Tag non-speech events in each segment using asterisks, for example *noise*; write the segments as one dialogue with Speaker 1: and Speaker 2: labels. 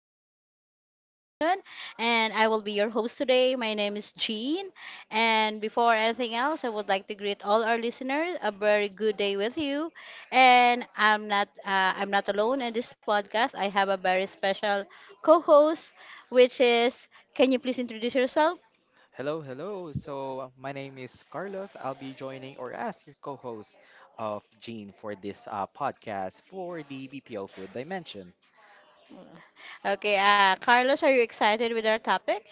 Speaker 1: BPO Poo Dimension, and I will be your host today. My name is Jean, and before anything else, I would like to greet all our listeners a very good day with you. And I'm not alone in this podcast. I have a very special co-host, which is. Can you please introduce yourself?
Speaker 2: Hello, hello. My name is Carlos. I'll be joining or as your co host of Gene for this podcast for the BPO Food Dimension.
Speaker 1: Okay, Carlos, are you excited with our topic?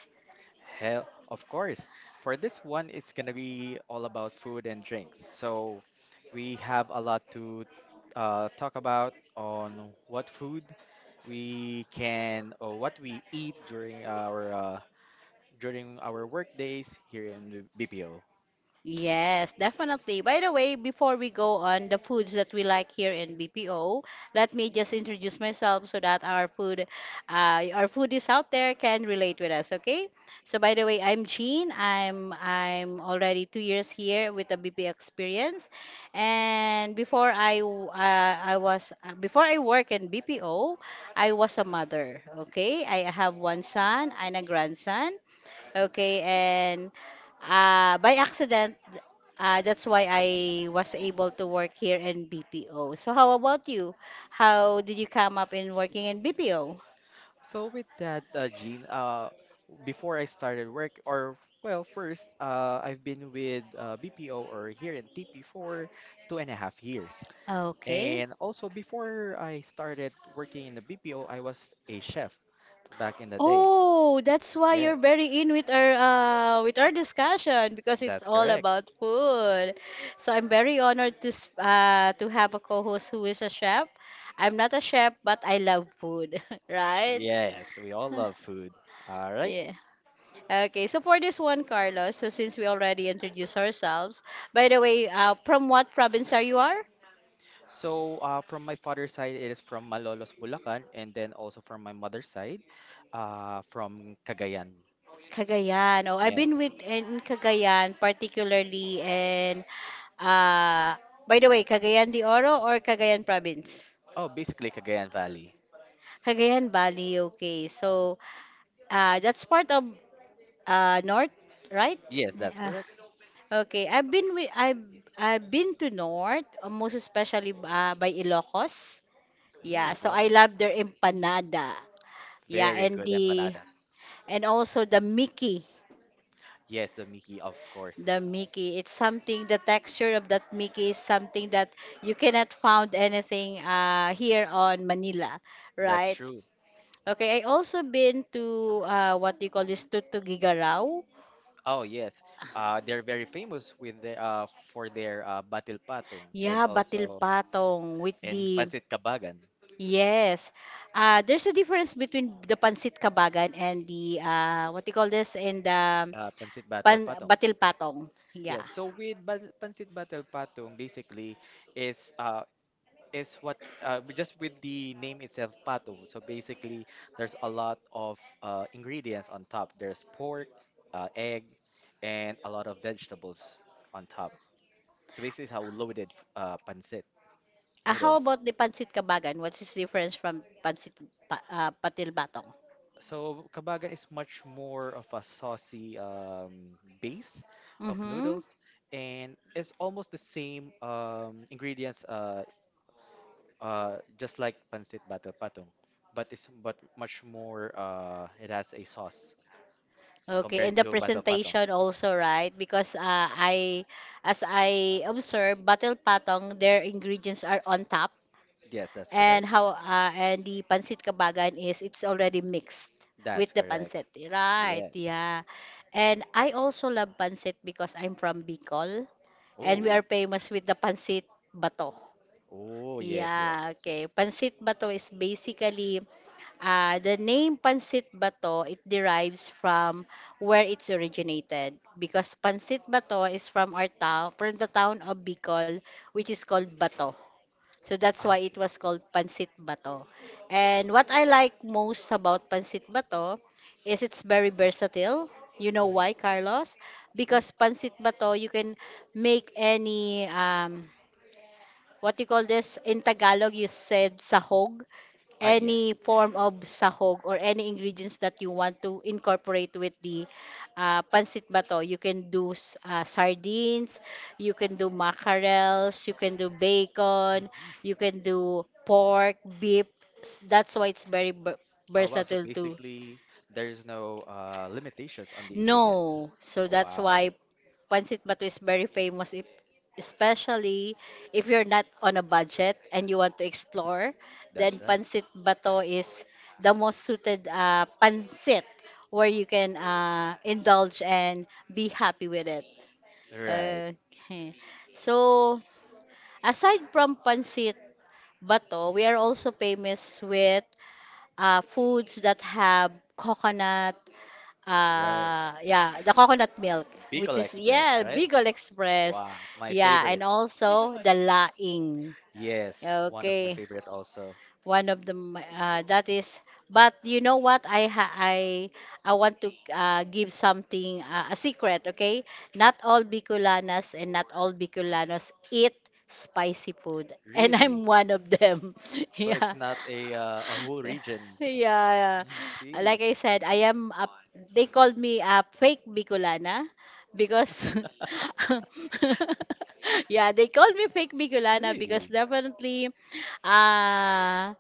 Speaker 2: Hell, of course. For this one, it's going to be all about food and drinks. So, we have a lot to talk about on what food we can or what we eat during our work days here in the BPO.
Speaker 1: Yes, definitely. By the way, before we go on the foods that we like here in BPO, let me just introduce myself so that our food, our foodies out there can relate with us. Okay. So by the way, I'm Jean. I'm already two years here with the BPO experience, and before I w- I was before I work in BPO, I was a mother. Okay, I have one son and a grandson. Okay, and by accident that's why I was able to work here in BPO. So how about you? How did you come up in working in BPO?
Speaker 2: So with that, Jean, before I started work, or well, first, I've been with BPO or here in TP for two and a half years.
Speaker 1: Okay.
Speaker 2: And also before I started working in the BPO, I was a chef back in the day.
Speaker 1: Oh, that's why you're
Speaker 2: Yes,
Speaker 1: very in with our discussion because it's
Speaker 2: that's
Speaker 1: all
Speaker 2: correct.
Speaker 1: about food. So I'm very honored to to have a co-host who is a chef. I'm not a chef, but I love food, *laughs* right?
Speaker 2: Yes, we all
Speaker 1: *laughs*
Speaker 2: love food. All right.
Speaker 1: Yeah. Okay, so for this one, Carlos, so since we already introduced ourselves, by the way, from what province are you are?
Speaker 2: So from my father's side, it is from Malolos, Bulacan, and then also from my mother's side, from Cagayan.
Speaker 1: Cagayan. Oh, I've been
Speaker 2: Yes.
Speaker 1: with in Cagayan, particularly in uh by the way, Cagayan de Oro or Cagayan province?
Speaker 2: Oh, basically Cagayan Valley.
Speaker 1: Cagayan Valley, okay. So, that's part of north, right?
Speaker 2: Yes, that's
Speaker 1: Uh,
Speaker 2: correct.
Speaker 1: okay, I've been to north, most especially by Ilocos. Yeah,
Speaker 2: Ooh,
Speaker 1: so I
Speaker 2: wow.
Speaker 1: love their empanada. Yeah,
Speaker 2: Very
Speaker 1: and
Speaker 2: good
Speaker 1: the
Speaker 2: empanadas.
Speaker 1: and also the Mickey,
Speaker 2: Yes, the Mickey, of course.
Speaker 1: the Mickey. It's something the texture of that Mickey is something that you cannot found anything here on Manila,
Speaker 2: That's
Speaker 1: right?
Speaker 2: true.
Speaker 1: Okay, I also been to what you call this Tutugigaraw.
Speaker 2: Oh, yes. They're very famous with their Batil Patong and
Speaker 1: Yeah, Batil
Speaker 2: also
Speaker 1: Patong with
Speaker 2: and
Speaker 1: the
Speaker 2: Pansit Kabagan,
Speaker 1: Yes. There's a difference between the pansit kabagan and the what you call this in the
Speaker 2: Pansit Batil
Speaker 1: pan
Speaker 2: Patong.
Speaker 1: batil patong.
Speaker 2: Yeah,
Speaker 1: Yeah.
Speaker 2: so with bat Pansit Batil Patong basically is uh, is what just with the name itself, pato. So basically, there's a lot of ingredients on top. There's pork, egg, and a lot of vegetables on top. So basically, it's how loaded pancit
Speaker 1: Ah, how
Speaker 2: noodles.
Speaker 1: about the pancit kabagan? What's its difference from pancit patil batong?
Speaker 2: So kabagan is much more of a saucy base of
Speaker 1: Mm-hmm.
Speaker 2: noodles, and it's almost the same ingredients just like pancit bato patong, but it's but much more. It has a sauce
Speaker 1: Okay,
Speaker 2: compared
Speaker 1: and the
Speaker 2: to bato patong.
Speaker 1: presentation also, right? Because as I observe, batil patong, their ingredients are on top,
Speaker 2: Yes, that's
Speaker 1: and
Speaker 2: correct.
Speaker 1: how and the pancit kabagan is it's already mixed with
Speaker 2: That's
Speaker 1: the
Speaker 2: correct.
Speaker 1: pancit, right?
Speaker 2: Yes.
Speaker 1: Yeah, and I also love pancit because I'm from Bicol, and we
Speaker 2: Oh,
Speaker 1: are famous with the pancit bato.
Speaker 2: oh, yes, yes.
Speaker 1: Yeah, okay. Pansit Bato is basically the name Pansit Bato, it derives from where it's originated because Pansit Bato is from our town, from the town of Bicol, which is called Bato. So that's why it
Speaker 2: Okay.
Speaker 1: was called Pansit Bato. And what I like most about Pansit Bato is it's very versatile. You know
Speaker 2: Mm.
Speaker 1: why, Carlos?
Speaker 2: Mm.
Speaker 1: Because Pansit Bato, you can make any what you call this in Tagalog you said sahog
Speaker 2: Ah,
Speaker 1: any
Speaker 2: yes.
Speaker 1: form of sahog or any ingredients that you want to incorporate with the pancit bato you can do sardines you can do mackerels you can do bacon
Speaker 2: Mhm.
Speaker 1: you can do pork beef S- that's why it's very ver-
Speaker 2: Oh, wow. So
Speaker 1: versatile to
Speaker 2: basically, there's no limitations on the ingredients.
Speaker 1: no, so
Speaker 2: Oh,
Speaker 1: that's
Speaker 2: wow.
Speaker 1: why Pancit Bato is very famous, if, especially if you're not on a budget and you want to explore,
Speaker 2: That's
Speaker 1: then
Speaker 2: right.
Speaker 1: Pancit Bato is the most suited pancit where you can indulge and be happy with it.
Speaker 2: Right,
Speaker 1: Okay. So, aside from Pancit Bato, we are also famous with foods that have coconut
Speaker 2: right.
Speaker 1: yeah the coconut milk which
Speaker 2: Bicol
Speaker 1: is
Speaker 2: Express,
Speaker 1: yeah
Speaker 2: right?
Speaker 1: Bicol Express
Speaker 2: Wow, my
Speaker 1: yeah and
Speaker 2: favorite.
Speaker 1: also the laing
Speaker 2: Yes, one of my
Speaker 1: okay
Speaker 2: favorite also.
Speaker 1: one of the m- that is but you know what I ha- I want to give something a secret okay not all Bicolanas and not all Bicolanos eat spicy food *laughs* and
Speaker 2: Really?
Speaker 1: I'm one of them *laughs*
Speaker 2: So it's
Speaker 1: yeah
Speaker 2: not a a whole region.
Speaker 1: yeah. yeah.
Speaker 2: Mm, I
Speaker 1: Like
Speaker 2: see.
Speaker 1: I said, they called me a fake Bicolana because
Speaker 2: *laughs*
Speaker 1: *laughs* yeah, they called me fake Bicolana because
Speaker 2: Really?
Speaker 1: definitely uh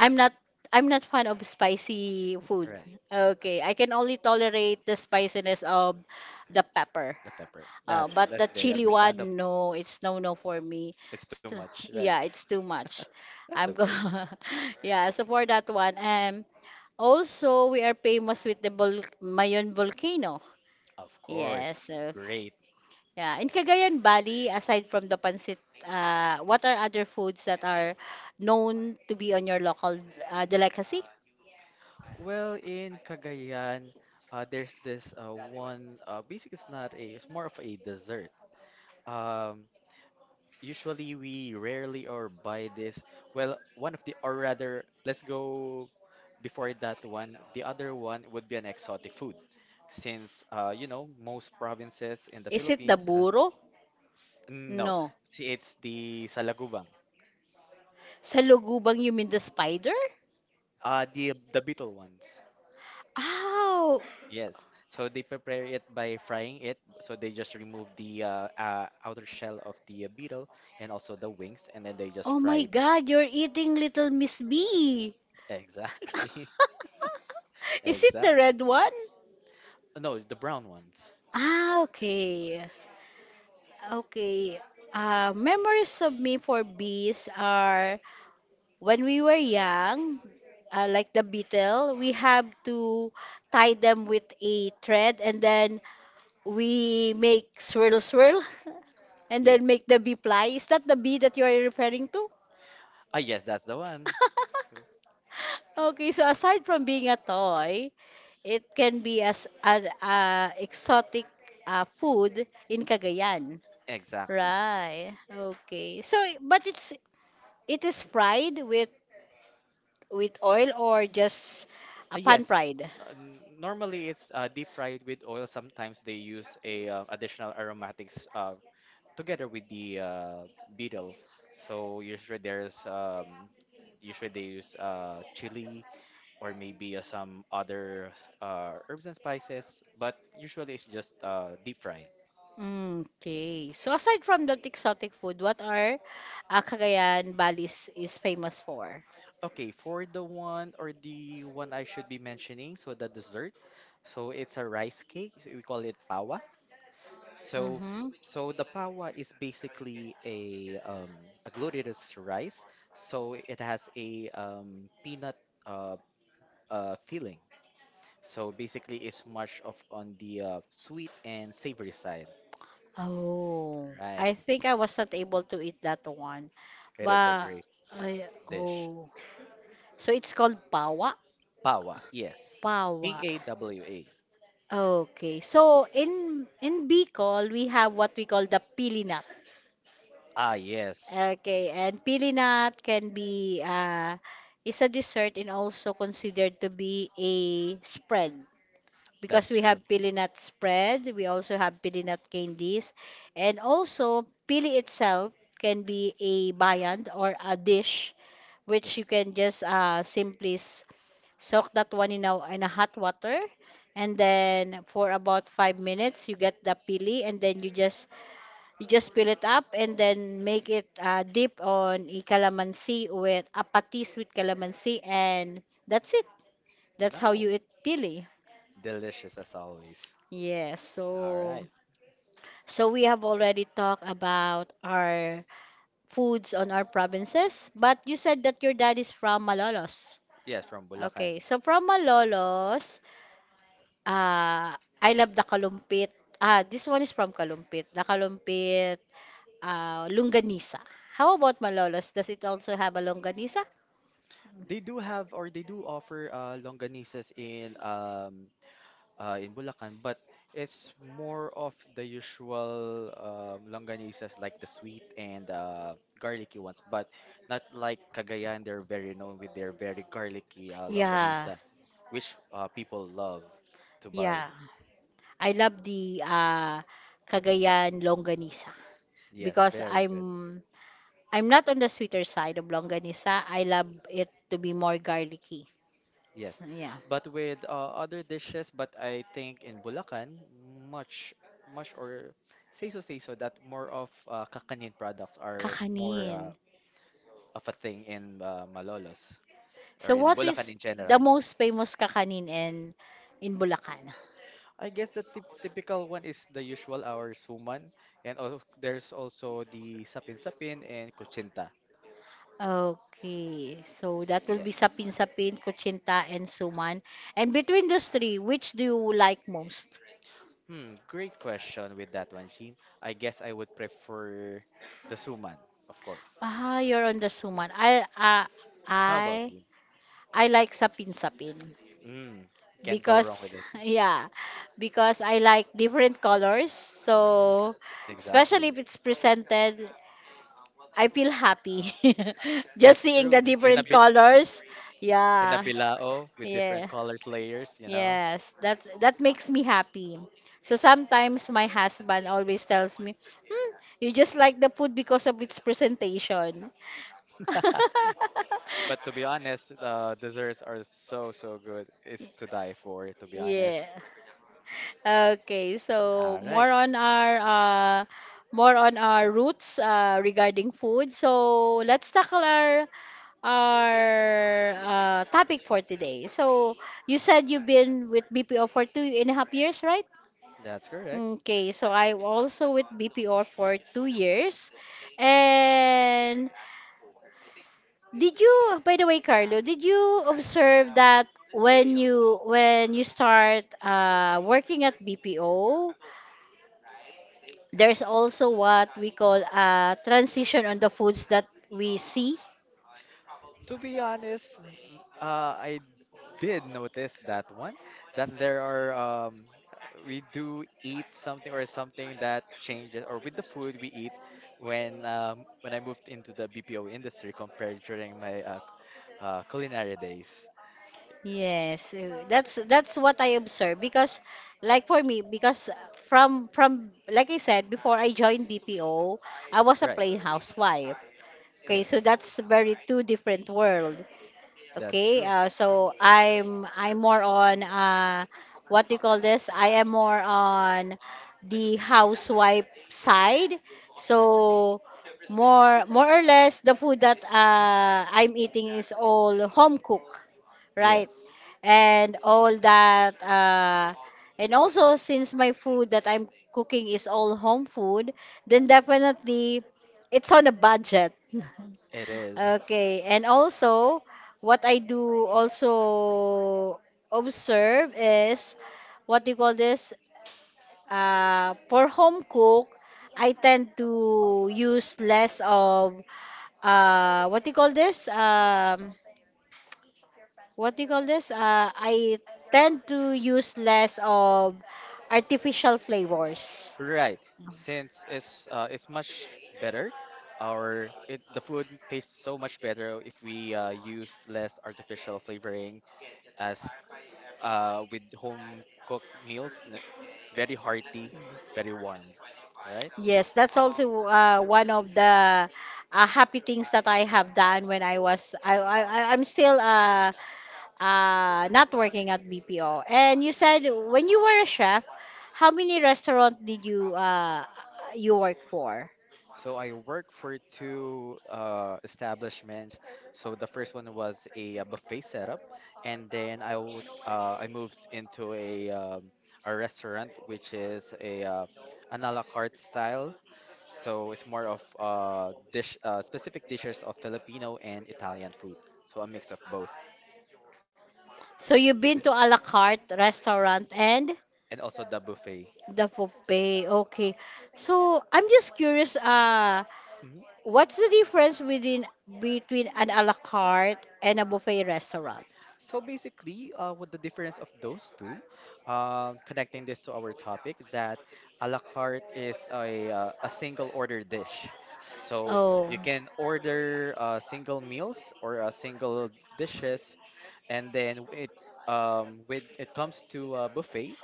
Speaker 1: I'm not I'm not fan of spicy food.
Speaker 2: Right.
Speaker 1: Okay, I can only tolerate the spiciness of the pepper.
Speaker 2: The pepper. That's right.
Speaker 1: But the
Speaker 2: That's very
Speaker 1: chili
Speaker 2: understandable.
Speaker 1: one, no, it's no no for me.
Speaker 2: It's too
Speaker 1: So
Speaker 2: much, right?
Speaker 1: yeah, it's too much.
Speaker 2: *laughs* That's
Speaker 1: I'm go
Speaker 2: okay.
Speaker 1: *laughs* yeah, so for that one. Also, we are famous with the Bul Mayon volcano.
Speaker 2: Of course.
Speaker 1: Yes. So,
Speaker 2: Great.
Speaker 1: yeah. In Cagayan Valley, aside from the pancit, what are other foods that are known to be on your local delicacy?
Speaker 2: Well, in Cagayan, there's this one. Basically, it's not a. It's more of a dessert. Um, usually we rarely or buy this. Well, one of the or rather, let's go before that one. The other one would be an exotic food, since you know most provinces in the
Speaker 1: Is it the
Speaker 2: Philippines.
Speaker 1: buro?
Speaker 2: No,
Speaker 1: No.
Speaker 2: see, it's the salagubang.
Speaker 1: Sa lugubang, you mean the spider?
Speaker 2: The beetle ones.
Speaker 1: Ow!
Speaker 2: Yes. So they prepare it by frying it. So they just remove the outer shell of the beetle and also the wings, and then they just
Speaker 1: Oh my
Speaker 2: fry the
Speaker 1: God, you're eating Little Miss Bee.
Speaker 2: exactly,
Speaker 1: *laughs*
Speaker 2: *laughs*
Speaker 1: Is it the
Speaker 2: exactly.
Speaker 1: red one?
Speaker 2: No, the brown ones.
Speaker 1: Ah, okay. Okay. Memories of me for bees are when we were young, like the beetle, we have to tie them with a thread and then we make swirl swirl *laughs* and then
Speaker 2: Yes.
Speaker 1: make the bee fly. Is that the bee that you are referring to?
Speaker 2: Ah, yes, that's the one.
Speaker 1: *laughs* Okay, so aside from being a toy, it can be as an exotic food in Cagayan.
Speaker 2: Exactly.
Speaker 1: Right. Okay. So, but it's It is fried with oil or just a pan
Speaker 2: Yes.
Speaker 1: fried.
Speaker 2: No, n- Normally, it's deep fried with oil. Sometimes they use a additional aromatics, together with the beetle. So usually there's usually they use chili or maybe some other herbs and spices, but usually it's just deep fried.
Speaker 1: Mm, okay. So aside from the exotic food, what are Cagayan Valley is famous for?
Speaker 2: Okay, for the one or the one I should be mentioning, so the dessert, so it's a rice cake. We call it pawa. So,
Speaker 1: Mm-hmm.
Speaker 2: so, the pawa is basically a glutinous rice. So it has a peanut. Uh, filling. So basically, it's much of on the sweet and savory side,
Speaker 1: Oh,
Speaker 2: right?
Speaker 1: I think I was not able to eat that one.
Speaker 2: It is a
Speaker 1: But
Speaker 2: great
Speaker 1: I,
Speaker 2: dish.
Speaker 1: oh, so it's called pawa.
Speaker 2: Pawa, yes.
Speaker 1: Pawa.
Speaker 2: Pawa.
Speaker 1: Okay. So in Bicol, we have what we call the pilinat.
Speaker 2: Ah, yes,
Speaker 1: Okay, and pilinat can be is a dessert and also considered to be a spread because
Speaker 2: that's
Speaker 1: we
Speaker 2: true.
Speaker 1: have pilinat spread, we also have pilinat candies, and also pili itself can be a viand or a dish which you
Speaker 2: Yes.
Speaker 1: can just soak that one in in a hot water and then for about five minutes you get the pili and then you just peel it up and then make it dip on a calamansi with apatis with calamansi and that's it. That's how
Speaker 2: No,
Speaker 1: you eat pili.
Speaker 2: delicious as always.
Speaker 1: Yes,
Speaker 2: All
Speaker 1: so
Speaker 2: right.
Speaker 1: so we have already talked about our foods on our provinces, but you said that your dad is from Malolos.
Speaker 2: Yes, from Bulacan.
Speaker 1: Okay, so from Malolos, uh, I love the kalumpit. Ah, this one is from Kalumpit. The kalumpit lunganisa. How about Malolos? Does it also have a longanisa?
Speaker 2: They do have or they do offer longanisas in Bulacan, but it's more of the usual longanisas like the sweet and garlicky ones, but not like Cagayan. They're very known with their very garlicky
Speaker 1: Yeah,
Speaker 2: longanisa, which people love to
Speaker 1: yeah.
Speaker 2: buy.
Speaker 1: I love the Cagayan longanisa
Speaker 2: Yeah,
Speaker 1: because
Speaker 2: very good.
Speaker 1: I'm not on the sweeter side of longanisa. I love it to be more garlicky.
Speaker 2: Yes,
Speaker 1: So, yeah.
Speaker 2: but with other dishes, but I think in Bulacan, much, much or say so that more of kakanin products are more
Speaker 1: Kakanin.
Speaker 2: of a thing in Malolos or
Speaker 1: So
Speaker 2: in
Speaker 1: what
Speaker 2: Bulacan
Speaker 1: is
Speaker 2: in
Speaker 1: the
Speaker 2: general.
Speaker 1: most famous kakanin in Bulacan?
Speaker 2: I guess the tip typical one is the usual our suman, and also, there's also the sapin-sapin and kuchinta.
Speaker 1: Okay, so that will be
Speaker 2: Yes.
Speaker 1: sapin-sapin, kuchinta, and suman. And between those three, which do you like most?
Speaker 2: Hmm, great question with that one, Jean. I guess I would prefer the suman, of course.
Speaker 1: Ah, you're on the suman.
Speaker 2: How about
Speaker 1: I,
Speaker 2: you?
Speaker 1: I like sapin-sapin
Speaker 2: Mm, can't go wrong with
Speaker 1: because,
Speaker 2: it.
Speaker 1: *laughs* yeah, because I like different colors. So, especially if
Speaker 2: Exactly.
Speaker 1: it's presented, I feel happy *laughs* just
Speaker 2: That's
Speaker 1: seeing the
Speaker 2: true. In a
Speaker 1: different
Speaker 2: bit
Speaker 1: colors.
Speaker 2: in a
Speaker 1: Yeah,
Speaker 2: bilao with
Speaker 1: yeah.
Speaker 2: different colors layers, you know.
Speaker 1: Yes, that's
Speaker 2: S-
Speaker 1: that makes me happy. So sometimes my husband always tells me, hmm, "You just like the food because of its presentation." *laughs*
Speaker 2: *laughs* But to be honest, the desserts are so so good. It's to die for, to be
Speaker 1: Yeah.
Speaker 2: honest.
Speaker 1: Okay, so
Speaker 2: All right.
Speaker 1: more on our roots regarding food. So let's tackle our topic for today. So you said you've been with BPO for two and a half years, right?
Speaker 2: That's correct.
Speaker 1: Okay, so I also with BPO for two years. And did you, by the way, Carlo, did you observe that when you start working at BPO, there's also what we call a transition on the foods that we see?
Speaker 2: To be honest, I did notice that one, that there are um, we do eat something or something that changes, or with the food we eat when I moved into the BPO industry compared during my culinary days.
Speaker 1: Yes, that's what I observe because like for me because from like I said before I joined BPO, I was a
Speaker 2: Right.
Speaker 1: plain housewife. Okay, so
Speaker 2: Yes,
Speaker 1: that's very two different world.
Speaker 2: that's
Speaker 1: Okay,
Speaker 2: true.
Speaker 1: so I'm more on what do you call this? I am more on the housewife side. So more more or less the food that I'm eating is all home cook, right?
Speaker 2: Yes,
Speaker 1: And all that and also since my food that I'm cooking is all home food, then definitely it's on a budget. *laughs*
Speaker 2: it is.
Speaker 1: Okay, and also what I do also observe is what do you call this? For home cook, I tend to use less of what do you call this? What do you call this? I tend to use less of artificial flavors.
Speaker 2: Right. Since it's much better, or it the food tastes so much better if we use less artificial flavoring as with home cooked meals, very hearty, very warm. All right.
Speaker 1: Yes, that's also one of the happy things that I have done when I was I- I'm still not working at BPO. And you said when you were a chef, how many restaurant did you you work for?
Speaker 2: So I worked for two establishments. So the first one was a, buffet setup, and then I would I moved into a restaurant which is a an a la carte style. So it's more of dish specific dishes of Filipino and Italian food. So a mix of both,
Speaker 1: So you've been to a la carte restaurant and
Speaker 2: and also the buffet.
Speaker 1: the buffet. Okay. So I'm just curious
Speaker 2: Mm-hmm.
Speaker 1: what's the difference within between an a la carte and a buffet restaurant?
Speaker 2: So basically, with the difference of those two, connecting this to our topic, that a la carte is a single order dish. So
Speaker 1: Oh.
Speaker 2: you can order single meals or single dishes and then it when it comes to buffet,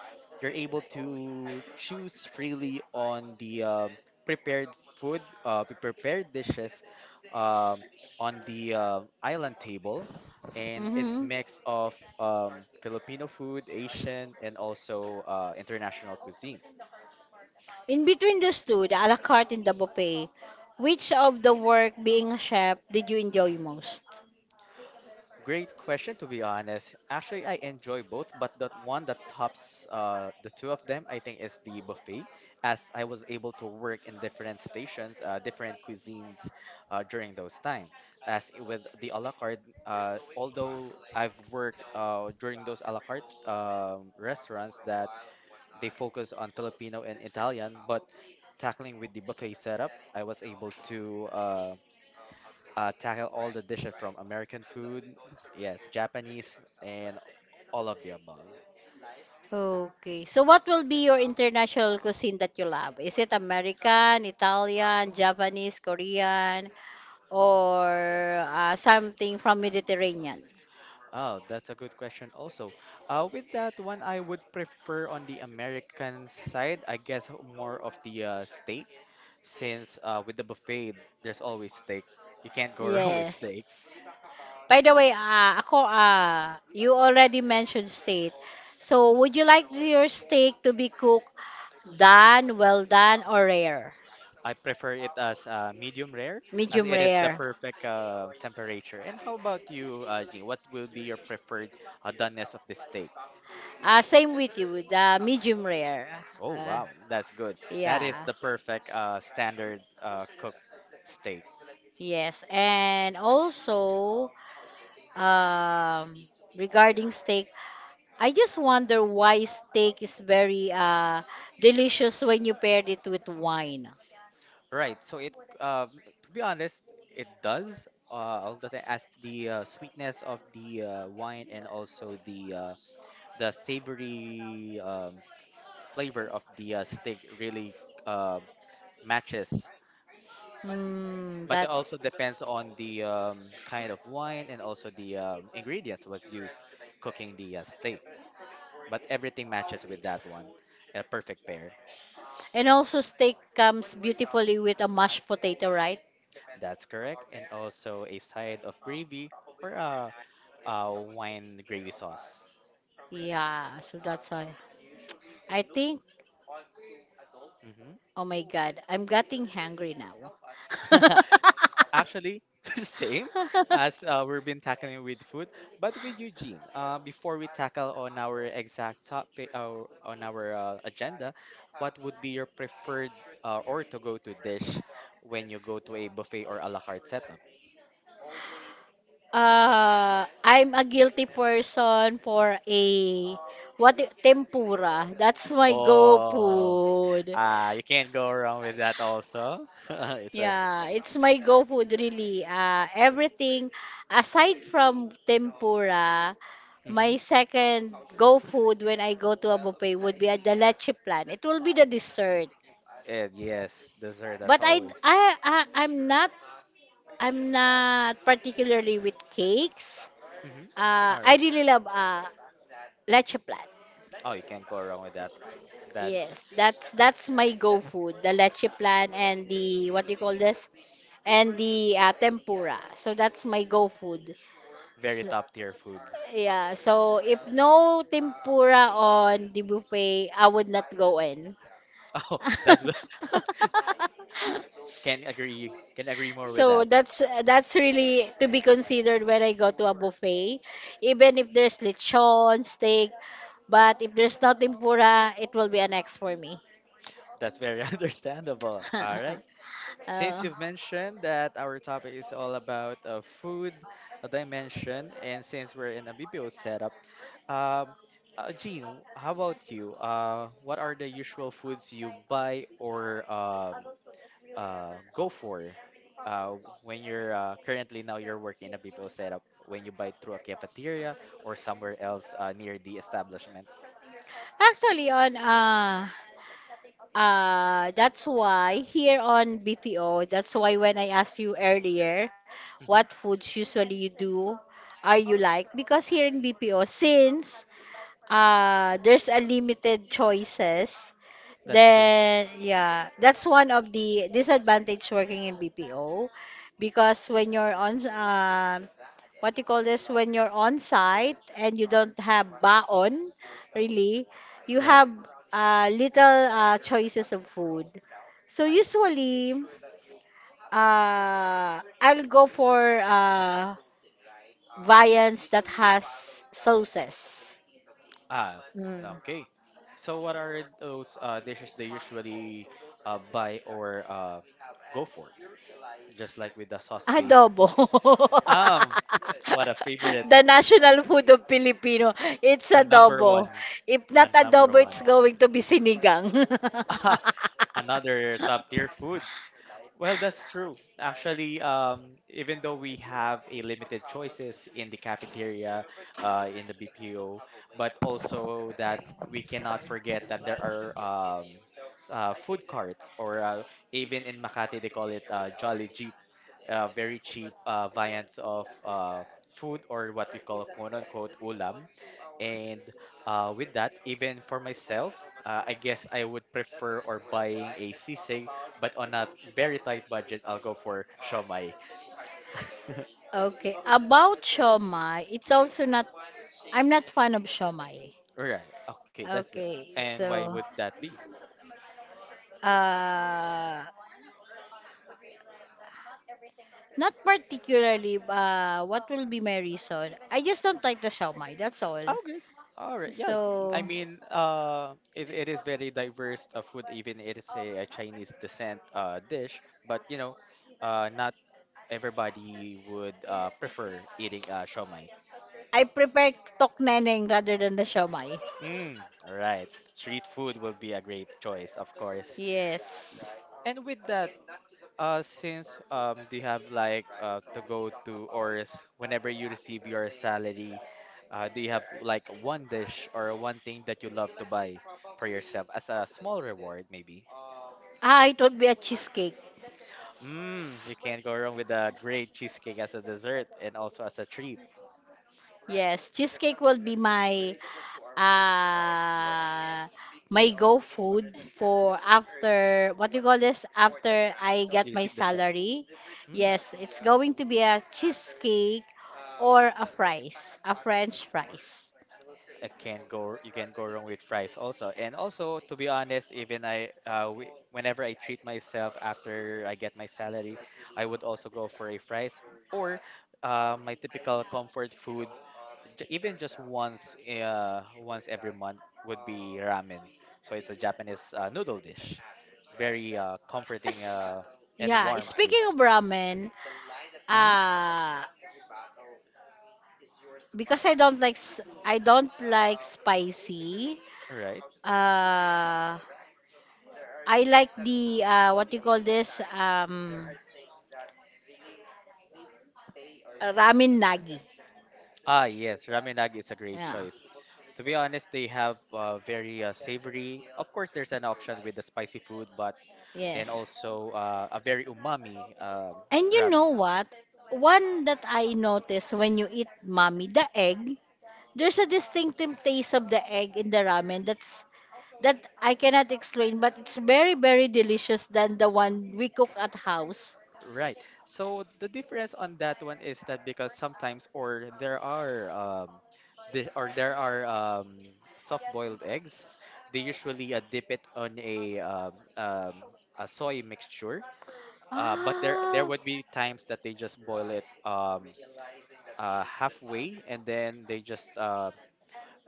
Speaker 2: you're able to choose freely on the prepared food, prepared dishes um, on the island table, and it's
Speaker 1: Mm-hmm.
Speaker 2: mix of Filipino food, Asian, and also international cuisine.
Speaker 1: In between those two, the a la carte and the buffet, which of the work being a chef did you enjoy most?
Speaker 2: Great question, to be honest. Actually, I enjoy both, but the one that tops the two of them, I think, is the buffet, as I was able to work in different stations, different cuisines during those time. With the a la carte, although I've worked during those a la carte restaurants that they focus on Filipino and Italian, but tackling with the buffet setup, I was able to. Tackle all the dishes from American food, yes, Japanese, and all of the above.
Speaker 1: Okay. So what will be your international cuisine that you love? Is it American, Italian, Japanese, Korean, or something from Mediterranean?
Speaker 2: Oh, that's a good question also. With that one, I would prefer on the American side, I guess more of the steak, since with the buffet, there's always steak. You can't go *laughs* wrong with
Speaker 1: Yes.
Speaker 2: steak.
Speaker 1: By the way, ako, you already mentioned steak. So, would you like your steak to be cooked done, well done, or rare?
Speaker 2: I prefer it as medium rare, as
Speaker 1: Medium
Speaker 2: it is the
Speaker 1: rare.
Speaker 2: perfect temperature. And how about you, Jean? What will be your preferred doneness of the steak?
Speaker 1: Same with you, with medium rare.
Speaker 2: Oh
Speaker 1: Uh,
Speaker 2: wow, that's good. That is
Speaker 1: yeah.
Speaker 2: the perfect standard cooked steak.
Speaker 1: Yes, and also um, regarding steak, I just wonder why steak is very delicious when you pair it with wine.
Speaker 2: Right. Um, to be honest, it does. All that as the sweetness of the wine and also the savory flavor of the steak really uh, matches.
Speaker 1: Mm,
Speaker 2: But it
Speaker 1: that's.
Speaker 2: also depends on the kind of wine and also the ingredients was used cooking the steak. But everything matches with that one, a perfect pair.
Speaker 1: And also steak comes beautifully with a mashed potato, right?
Speaker 2: That's correct. And also a side of gravy or a wine gravy sauce.
Speaker 1: Yeah, so that's why I think,
Speaker 2: Hmm
Speaker 1: oh my God, I'm getting hungry now. *laughs*
Speaker 2: *laughs* Actually, *laughs* same as we've been tackling with food, but with Eugene. Before we tackle on our exact topic on our agenda, what would be your preferred or to go to dish when you go to a buffet or a la carte setup?
Speaker 1: I'm a guilty person for tempura. That's my go
Speaker 2: Oh,
Speaker 1: food.
Speaker 2: ah, you can't go wrong with that also. *laughs* It's a,
Speaker 1: Yeah, it's my go food really. Everything aside from tempura, my
Speaker 2: Mhm.
Speaker 1: second go food when I go to a buffet would be a the leche plan. It will be the dessert.
Speaker 2: And yes, dessert as
Speaker 1: But I,
Speaker 2: always.
Speaker 1: I, I I'm not I'm not particularly with cakes.
Speaker 2: Hmm All
Speaker 1: I
Speaker 2: right.
Speaker 1: really love leche plan.
Speaker 2: Oh, you can't go wrong with that. That's
Speaker 1: Yes, that's my go food, the leche plan and the what do you call this? And the tempura. So that's my go food.
Speaker 2: very
Speaker 1: So,
Speaker 2: top tier foods.
Speaker 1: yeah, so if no tempura on the buffet, I would not go in.
Speaker 2: *laughs* Oh, that's
Speaker 1: *laughs*
Speaker 2: *laughs* can agree more with
Speaker 1: So
Speaker 2: that.
Speaker 1: that's really to be considered when I go to a buffet, even if there's lechon, steak, but if there's no tempura, it will be an X for me.
Speaker 2: That's very *laughs* understandable. All right.
Speaker 1: *laughs*
Speaker 2: Since
Speaker 1: Oh.
Speaker 2: you've mentioned that our topic is all about food dimension, and since we're in a BPO setup, um, Gene, how about you? What are the usual foods you buy or go for uh, when you're currently now you're working in a BPO setup when you buy through a cafeteria or somewhere else near the establishment?
Speaker 1: Actually, on that's why here on BPO, that's why when I asked you earlier, what foods usually you do, are you like? Because here in BPO, since there's a limited choices, then yeah, that's one of the disadvantage working in BPO, because when you're on what you call this, when you're on site and you don't have baon really, you
Speaker 2: Right.
Speaker 1: have little choices of food. So usually I'll go for uh, viands that has sauces.
Speaker 2: Ah,
Speaker 1: Mm.
Speaker 2: okay. So what are those dishes they usually buy or go for? Just like with the sauce
Speaker 1: Ah,
Speaker 2: based.
Speaker 1: Adobo. *laughs*
Speaker 2: Um, what a favorite,
Speaker 1: The national food of Filipino. It's
Speaker 2: a number
Speaker 1: adobo.
Speaker 2: one,
Speaker 1: If
Speaker 2: a
Speaker 1: not
Speaker 2: number
Speaker 1: adobo,
Speaker 2: one,
Speaker 1: it's going to be sinigang. *laughs*
Speaker 2: *laughs* another top tier food. Well, that's true. Actually, even though we have a limited choices in the cafeteria, in the BPO, but also that we cannot forget that there are food carts, or even in Makati they call it Jolly Jeep, very cheap variants of food or what we call quote unquote ulam. And with that, even for myself, I guess I would prefer or buying a sisig, but on a very tight budget, I'll go for shawmai. *laughs*
Speaker 1: Okay. About shomai, it's also not, I'm not fan of shomai.
Speaker 2: Right. Okay, that's fair.
Speaker 1: Okay.
Speaker 2: And why
Speaker 1: So,
Speaker 2: would that be?
Speaker 1: uh, not particularly, what will be my reason? I just don't like the shawmai. That's all.
Speaker 2: Okay. All right. Yeah.
Speaker 1: So,
Speaker 2: I mean, it is very diverse of food, even it is a Chinese descent dish. But you know, not everybody would prefer eating shawmai.
Speaker 1: I prefer tokneneng rather than the siomai.
Speaker 2: Mm, all right. Street food will be a great choice, of course.
Speaker 1: Yes.
Speaker 2: And with that, since do you have like to go to or whenever you receive your salary, do you have like one dish or one thing that you love to buy for yourself as a small reward, maybe?
Speaker 1: Ah, it would be a cheesecake.
Speaker 2: Mm, you can't go wrong with a great cheesecake as a dessert and also as a treat.
Speaker 1: Yes, cheesecake will be my uh my go food for, after what you call this, after I
Speaker 2: You
Speaker 1: get my
Speaker 2: receive the set.
Speaker 1: salary. Yes, it's going to be a cheesecake or a French fries.
Speaker 2: I can't go You can not go wrong with fries also. And also to be honest, whenever I treat myself after I get my salary, I would also go for a fries or my typical comfort food even just once every month would be ramen. So it's a Japanese noodle dish. Very comforting
Speaker 1: As,
Speaker 2: and
Speaker 1: yeah,
Speaker 2: warm food.
Speaker 1: speaking of ramen,
Speaker 2: hmm
Speaker 1: uh because I don't like spicy.
Speaker 2: Right.
Speaker 1: Uh, I like the what you call this, ramen nagi.
Speaker 2: Ah, yes, ramen nagi is a great
Speaker 1: Yeah.
Speaker 2: choice. To be honest, they have very savory. Of course, there's an option with the spicy food, but and
Speaker 1: Yes.
Speaker 2: also a very umami
Speaker 1: And you
Speaker 2: ramen.
Speaker 1: know what? One that I noticed when you eat mommy, the egg, there's a distinctive taste of the egg in the ramen that's, that I cannot explain, but it's very, very delicious than the one we cook at house.
Speaker 2: Right. So the difference on that one is that because sometimes or there are soft-boiled eggs, they usually dip it on a soy mixture. But there
Speaker 1: Ah,
Speaker 2: would be times that they just boil it halfway and then they just uh,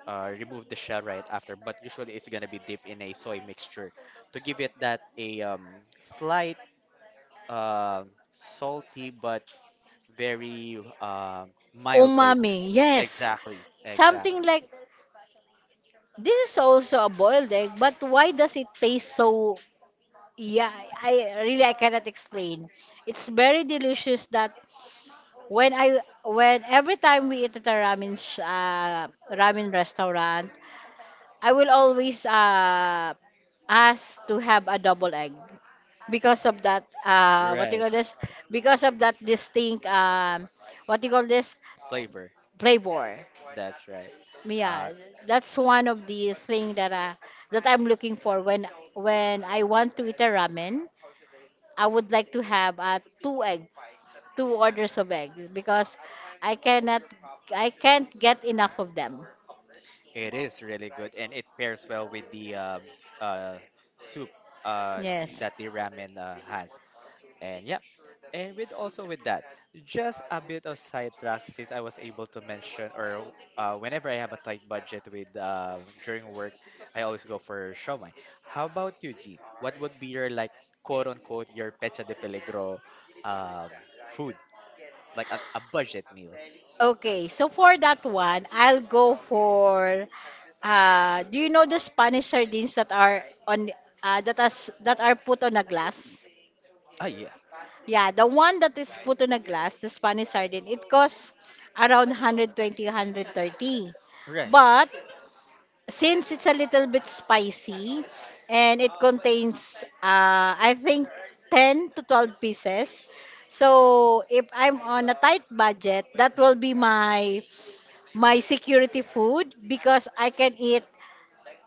Speaker 2: uh, remove the shell right after, but usually it's gonna be dipped in a soy mixture to give it that a slight uh, salty but very mild flavor.
Speaker 1: umami, yes.
Speaker 2: Exactly,
Speaker 1: Something
Speaker 2: exactly.
Speaker 1: like this is also a boiled egg, but why does it taste so? Yeah, I really I cannot explain. It's very delicious that when I when every time we eat at a ramen restaurant, I will always ask to have a double egg because of that what do you
Speaker 2: Right,
Speaker 1: call this? Because of that distinct what do you call this
Speaker 2: flavor.
Speaker 1: flavor.
Speaker 2: That's right. Uh,
Speaker 1: Yeah, that's one of the thing that I'm looking for when I want to eat a ramen. I would like to have two egg, two orders of egg because I cannot I can't get enough of them.
Speaker 2: it is really good, and it pairs well with the uh, soup uh,
Speaker 1: Yes.
Speaker 2: that the ramen has. And yeah, and with also with that, just a bit of sidetrack since I was able to mention or whenever I have a tight budget with during work, I always go for shawmai. How about you, Gene? What would be your like quote unquote your pecha de peligro um, food like a budget meal?
Speaker 1: Okay, so for that one, I'll go for do you know the Spanish sardines that are on that are put on a glass?
Speaker 2: Ah yeah,
Speaker 1: Yeah, the one that is put on a glass, the Spanish sardine, it costs around 120, 130.
Speaker 2: right.
Speaker 1: But since it's a little bit spicy and it contains, I think, 10 to 12 pieces. So if I'm on a tight budget, that will be my my security food because I can eat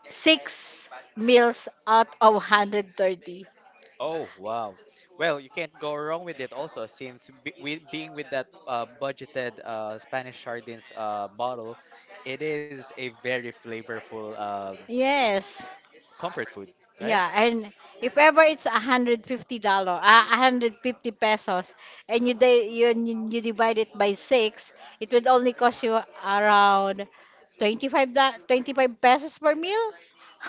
Speaker 1: 6 meals out of 130.
Speaker 2: Oh, wow. Well, you can't go wrong with it also since being with that budgeted Spanish sardines bottle, it is a very flavorful
Speaker 1: Yes.
Speaker 2: comfort food, right?
Speaker 1: Yeah, and if ever it's $150, a hundred fifty pesos, and you, di- you divide it by 6, it would only cost you around 25 pesos per meal.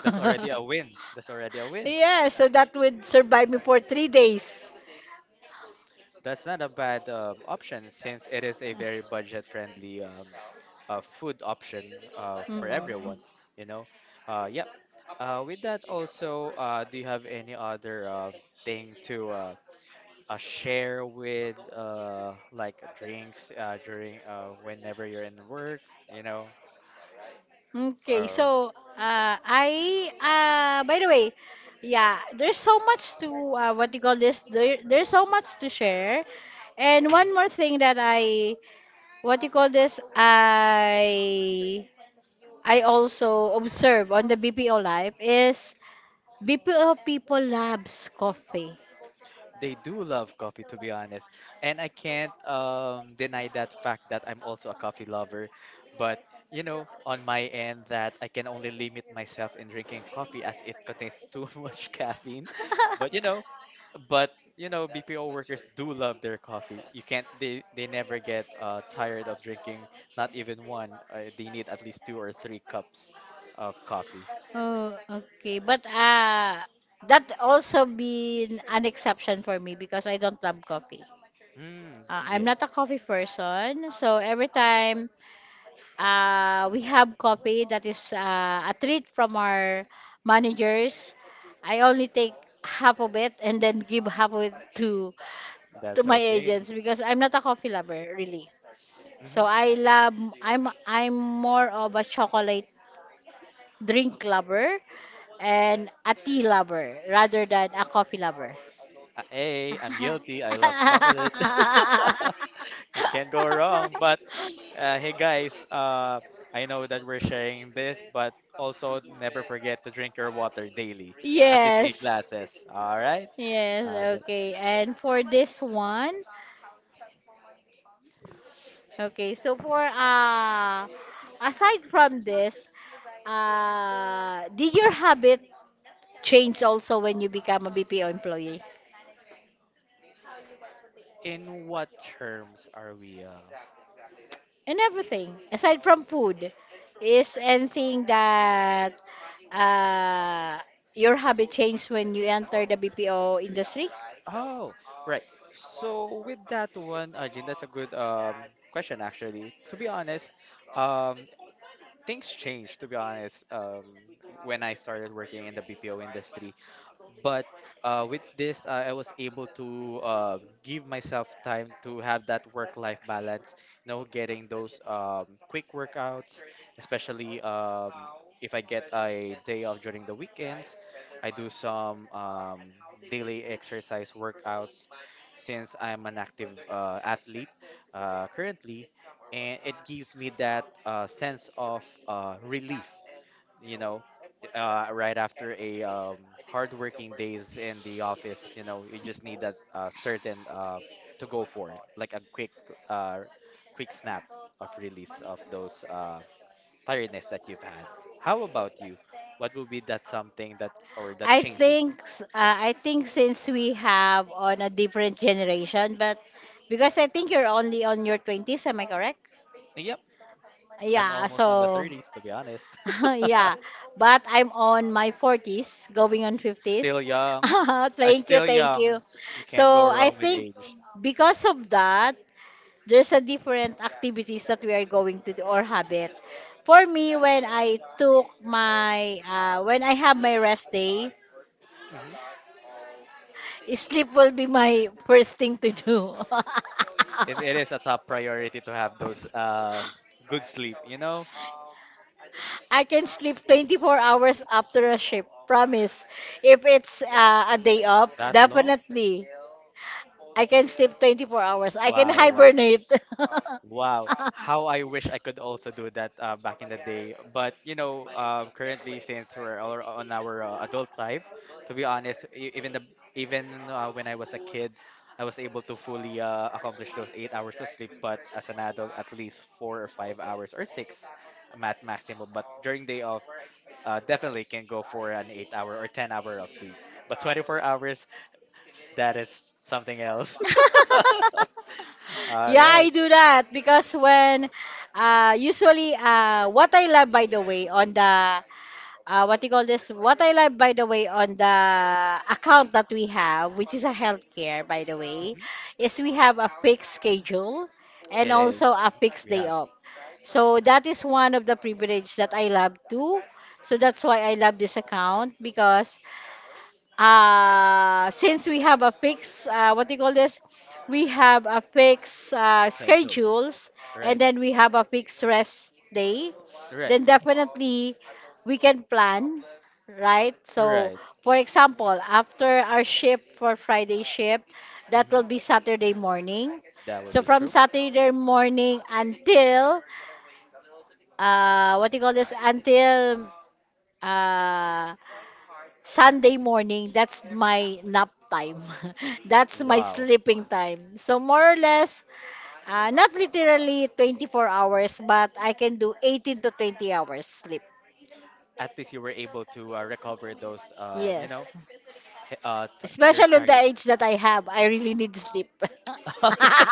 Speaker 2: That's
Speaker 1: *laughs*
Speaker 2: already a win. That's already a win.
Speaker 1: Yeah, so that would survive me for 3 days. *laughs*
Speaker 2: That's not a bad option since it is a very budget-friendly food option for
Speaker 1: Mm.
Speaker 2: everyone, you know? Yeah. With that also, do you have any other thing to share with like drinks during whenever you're in work, you know,
Speaker 1: Okay,
Speaker 2: or
Speaker 1: so I by the way, yeah, there's so much to what you call this. There's so much to share, and
Speaker 2: Mhm.
Speaker 1: one more thing that I what you call this I also observe on the BPO life is BPO people loves coffee.
Speaker 2: They do love coffee, to be honest. And I can't deny that fact that I'm also a coffee lover. But, you know, on my end, that I can only limit myself in drinking coffee as it contains too *laughs* much caffeine. But, you know,
Speaker 1: *laughs*
Speaker 2: but you know BPO workers do love their coffee. You can't they never get tired of drinking not even one. They need at least two or three cups of coffee.
Speaker 1: Oh, okay. But that also been an exception for me because I don't love coffee.
Speaker 2: Mm,
Speaker 1: I'm
Speaker 2: yes,
Speaker 1: not a coffee person, so every time we have coffee that is a treat from our managers, I only take half of it and then give half of it to
Speaker 2: that's
Speaker 1: my
Speaker 2: okay.
Speaker 1: agents because I'm not a coffee lover really.
Speaker 2: Mm-hmm.
Speaker 1: So I'm more of a chocolate drink lover and a tea lover rather than a coffee lover.
Speaker 2: Hey, I'm guilty. I love
Speaker 1: *laughs*
Speaker 2: chocolate. *laughs* You can't go wrong. But hey, guys, I know that we're sharing this, but also never forget to drink your water daily, at least eight
Speaker 1: Yes.
Speaker 2: glasses. All right. Yeah.
Speaker 1: Yes, okay. And for this one, okay, so for aside from this, did your habit change also when you become a BPO employee?
Speaker 2: In what terms are we?
Speaker 1: And everything, aside from food, is anything that uh, your habit changed when you entered the BPO industry?
Speaker 2: Oh, right. So with that one, Ajin, that's a good question actually. To be honest, um, things changed. To be honest, when I started working in the BPO industry, but with this, I was able to give myself time to have that work-life balance. You know, getting those quick workouts, especially if I get a day off during the weekends, I do some daily exercise workouts since I'm an active athlete currently, and it gives me that sense of relief you know, right after a hard days in the office, you know, you just need that certain to go for, like a quick, uh, quick snap of release of those tiredness that you've had. How about you? What would be that something that or that
Speaker 1: I
Speaker 2: changing?
Speaker 1: think s- uh, I think since we have on a different generation, but because I think you're only on your 20s, am I correct?
Speaker 2: Yep, I'm
Speaker 1: Yeah,
Speaker 2: almost on the
Speaker 1: so
Speaker 2: 30s to be honest.
Speaker 1: *laughs*
Speaker 2: *laughs*
Speaker 1: yeah, but I'm on my 40s, going on
Speaker 2: Still
Speaker 1: 50s. *laughs*
Speaker 2: young. I
Speaker 1: Thank you,
Speaker 2: still
Speaker 1: thank you.
Speaker 2: young. You can't go
Speaker 1: So I
Speaker 2: wrong with
Speaker 1: think
Speaker 2: age.
Speaker 1: because of that, there's a different activities that we are going to do or habit. For me, when I have my rest day,
Speaker 2: Mhm.
Speaker 1: sleep will be my *laughs* first thing to do. *laughs*
Speaker 2: It is a top priority to have those good sleep. You know,
Speaker 1: I can sleep 24 hours after a shift, promise. If it's a day off,
Speaker 2: that long?
Speaker 1: definitely. I can sleep 24 hours. I can
Speaker 2: Wow, wow,
Speaker 1: hibernate.
Speaker 2: wow. How I wish I could also do that
Speaker 1: *laughs*
Speaker 2: back in the day. But you know, currently since we're all on our adult life, to be honest, e- even the even when I was a kid, I was able to fully accomplish those 8 hours of sleep. But as an adult, at least 4 or 5 hours or six, mat maximum. But during day off. Definitely can go for an 8 hour or 10 hour of sleep. But 24 hours, that is something else.
Speaker 1: *laughs*
Speaker 2: *laughs* All
Speaker 1: Yeah, I
Speaker 2: right.
Speaker 1: do that because when usually what I love, by the way, on the what you call this what I love by the way on the account that we have, which is a healthcare by the way,
Speaker 2: Mhm.
Speaker 1: is we have a fixed schedule and
Speaker 2: It is.
Speaker 1: also a fixed
Speaker 2: We
Speaker 1: day
Speaker 2: have
Speaker 1: off. So that is one of the privilege that I love too. So that's why I love this account because since we have a fixed, what do you call this? We have a fixed
Speaker 2: schedule.
Speaker 1: schedules, and
Speaker 2: Right.
Speaker 1: then we have a fixed rest day,
Speaker 2: Right.
Speaker 1: then definitely we can plan, right? So,
Speaker 2: Right.
Speaker 1: for example, after our shift for Friday shift, that will
Speaker 2: hmm
Speaker 1: be Saturday morning.
Speaker 2: That would
Speaker 1: So,
Speaker 2: be
Speaker 1: from
Speaker 2: true.
Speaker 1: Saturday morning until, what do you call this? Until uh, Sunday morning, that's my nap time. *laughs* That's my
Speaker 2: Wow.
Speaker 1: sleeping time. So more or less, not literally 24 hours, but I can do 18 to 20 hours sleep.
Speaker 2: At least you were able to recover those, you know,
Speaker 1: Yes.
Speaker 2: your
Speaker 1: Especially on the
Speaker 2: tired.
Speaker 1: age that I have, I really need sleep.
Speaker 2: *laughs*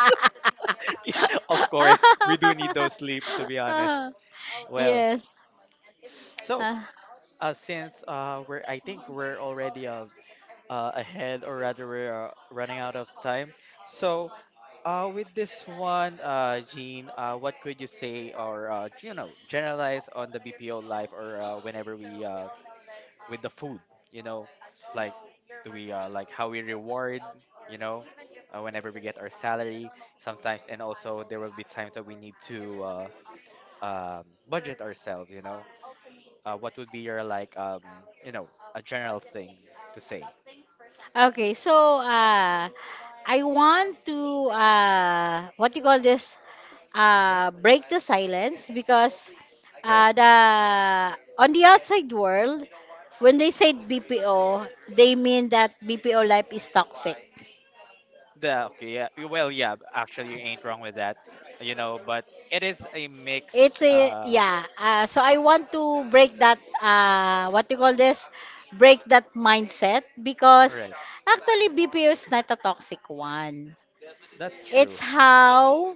Speaker 2: Of course, we do need those sleep, to be honest.
Speaker 1: *laughs*
Speaker 2: Well,
Speaker 1: Yes.
Speaker 2: so
Speaker 1: Uh,
Speaker 2: since we're, I think we're already ahead, or rather, we're running out of time. So, with this one, Jean, what could you say, or you know, generalize on the BPO life, or whenever we with the food, you know, like do we like how we reward, you know, whenever we get our salary sometimes, and also there will be times that we need to budget ourselves, you know. What would be your like, you know, a general thing to say?
Speaker 1: okay, so I want to what you call this?
Speaker 2: Hmm
Speaker 1: Break the silence because
Speaker 2: Right.
Speaker 1: the on the outside world, when they say BPO, they mean that BPO life is toxic.
Speaker 2: Yeah, okay, yeah. Well, yeah, actually, you ain't wrong with that, you know, but it is a mix.
Speaker 1: It's a yeah. So I want to break that what you call this? break that mindset because
Speaker 2: Right.
Speaker 1: actually BPO is not a toxic one.
Speaker 2: That's true.
Speaker 1: It's how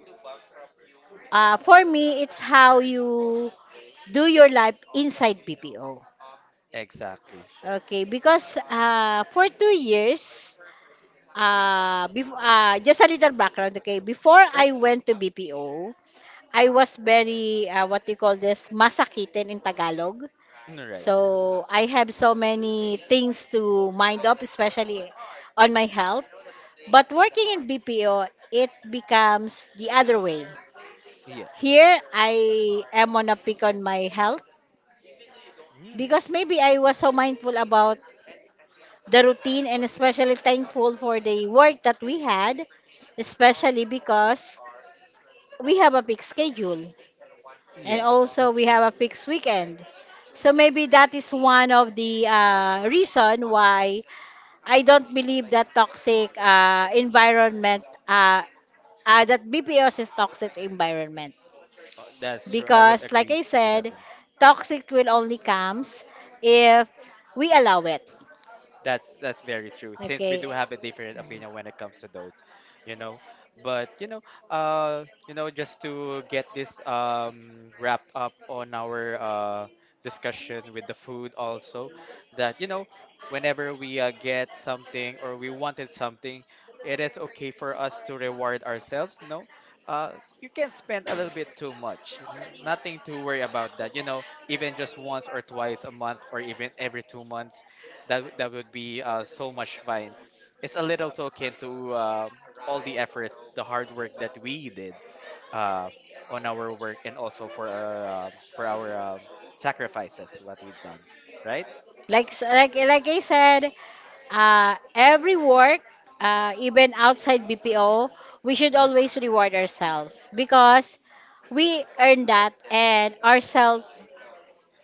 Speaker 1: For me, it's how you do your life inside BPO.
Speaker 2: Exactly.
Speaker 1: Okay, because for 2 years, just a little background, okay? Before
Speaker 2: Right?
Speaker 1: I went to BPO, I was very, what you call this, masakitin in Tagalog.
Speaker 2: Mm, right.
Speaker 1: So I have so many things to mind up, especially on my health. But working in BPO, it becomes the other way.
Speaker 2: Yeah.
Speaker 1: Here, I am on a peak on my health,
Speaker 2: Mm,
Speaker 1: because maybe I was so mindful about the routine and especially thankful for the work that we had, especially because we have a fixed schedule and
Speaker 2: yeah,
Speaker 1: also
Speaker 2: that's
Speaker 1: we
Speaker 2: true.
Speaker 1: have a fixed weekend. So maybe that is one of the reason why I don't believe that toxic environment that BPOs is toxic environment,
Speaker 2: That's true. I would
Speaker 1: because like
Speaker 2: agree
Speaker 1: I
Speaker 2: with that.
Speaker 1: said, toxic will only comes if we allow it.
Speaker 2: That's very true. Since we
Speaker 1: Okay.
Speaker 2: do have a different opinion when it comes to those, you know. But you know, just to get this wrapped up on our discussion with the food also, that you know, whenever we get something or we wanted something, it is okay for us to reward ourselves. No, you can spend a little bit too much. N Nothing to worry about that. You know, even just once or twice a month or even every 2 months that would be so much fun. It's a little token to all the efforts, the hard work that we did uh, on our work, and also for our sacrifices, what we've done, right?
Speaker 1: Like I said, every work, even outside BPO, we
Speaker 2: That's
Speaker 1: should
Speaker 2: right.
Speaker 1: always reward ourselves because we earn that and ourselves.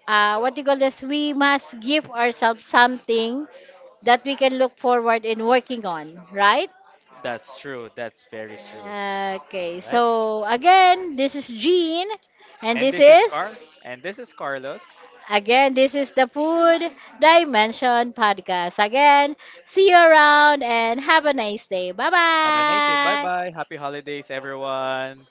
Speaker 1: What you call this? We must give ourselves something that we can look forward in working on, right?
Speaker 2: That's true. That's very true. All
Speaker 1: Okay.
Speaker 2: right.
Speaker 1: So again, this is Jean, and
Speaker 2: And
Speaker 1: this
Speaker 2: this is
Speaker 1: is.
Speaker 2: Carl. And this is Carlos.
Speaker 1: Again, this is the Food Dimension podcast. Again, see you around and have a nice day. Bye
Speaker 2: Have a nice day. Bye
Speaker 1: bye.
Speaker 2: bye. Happy holidays, everyone.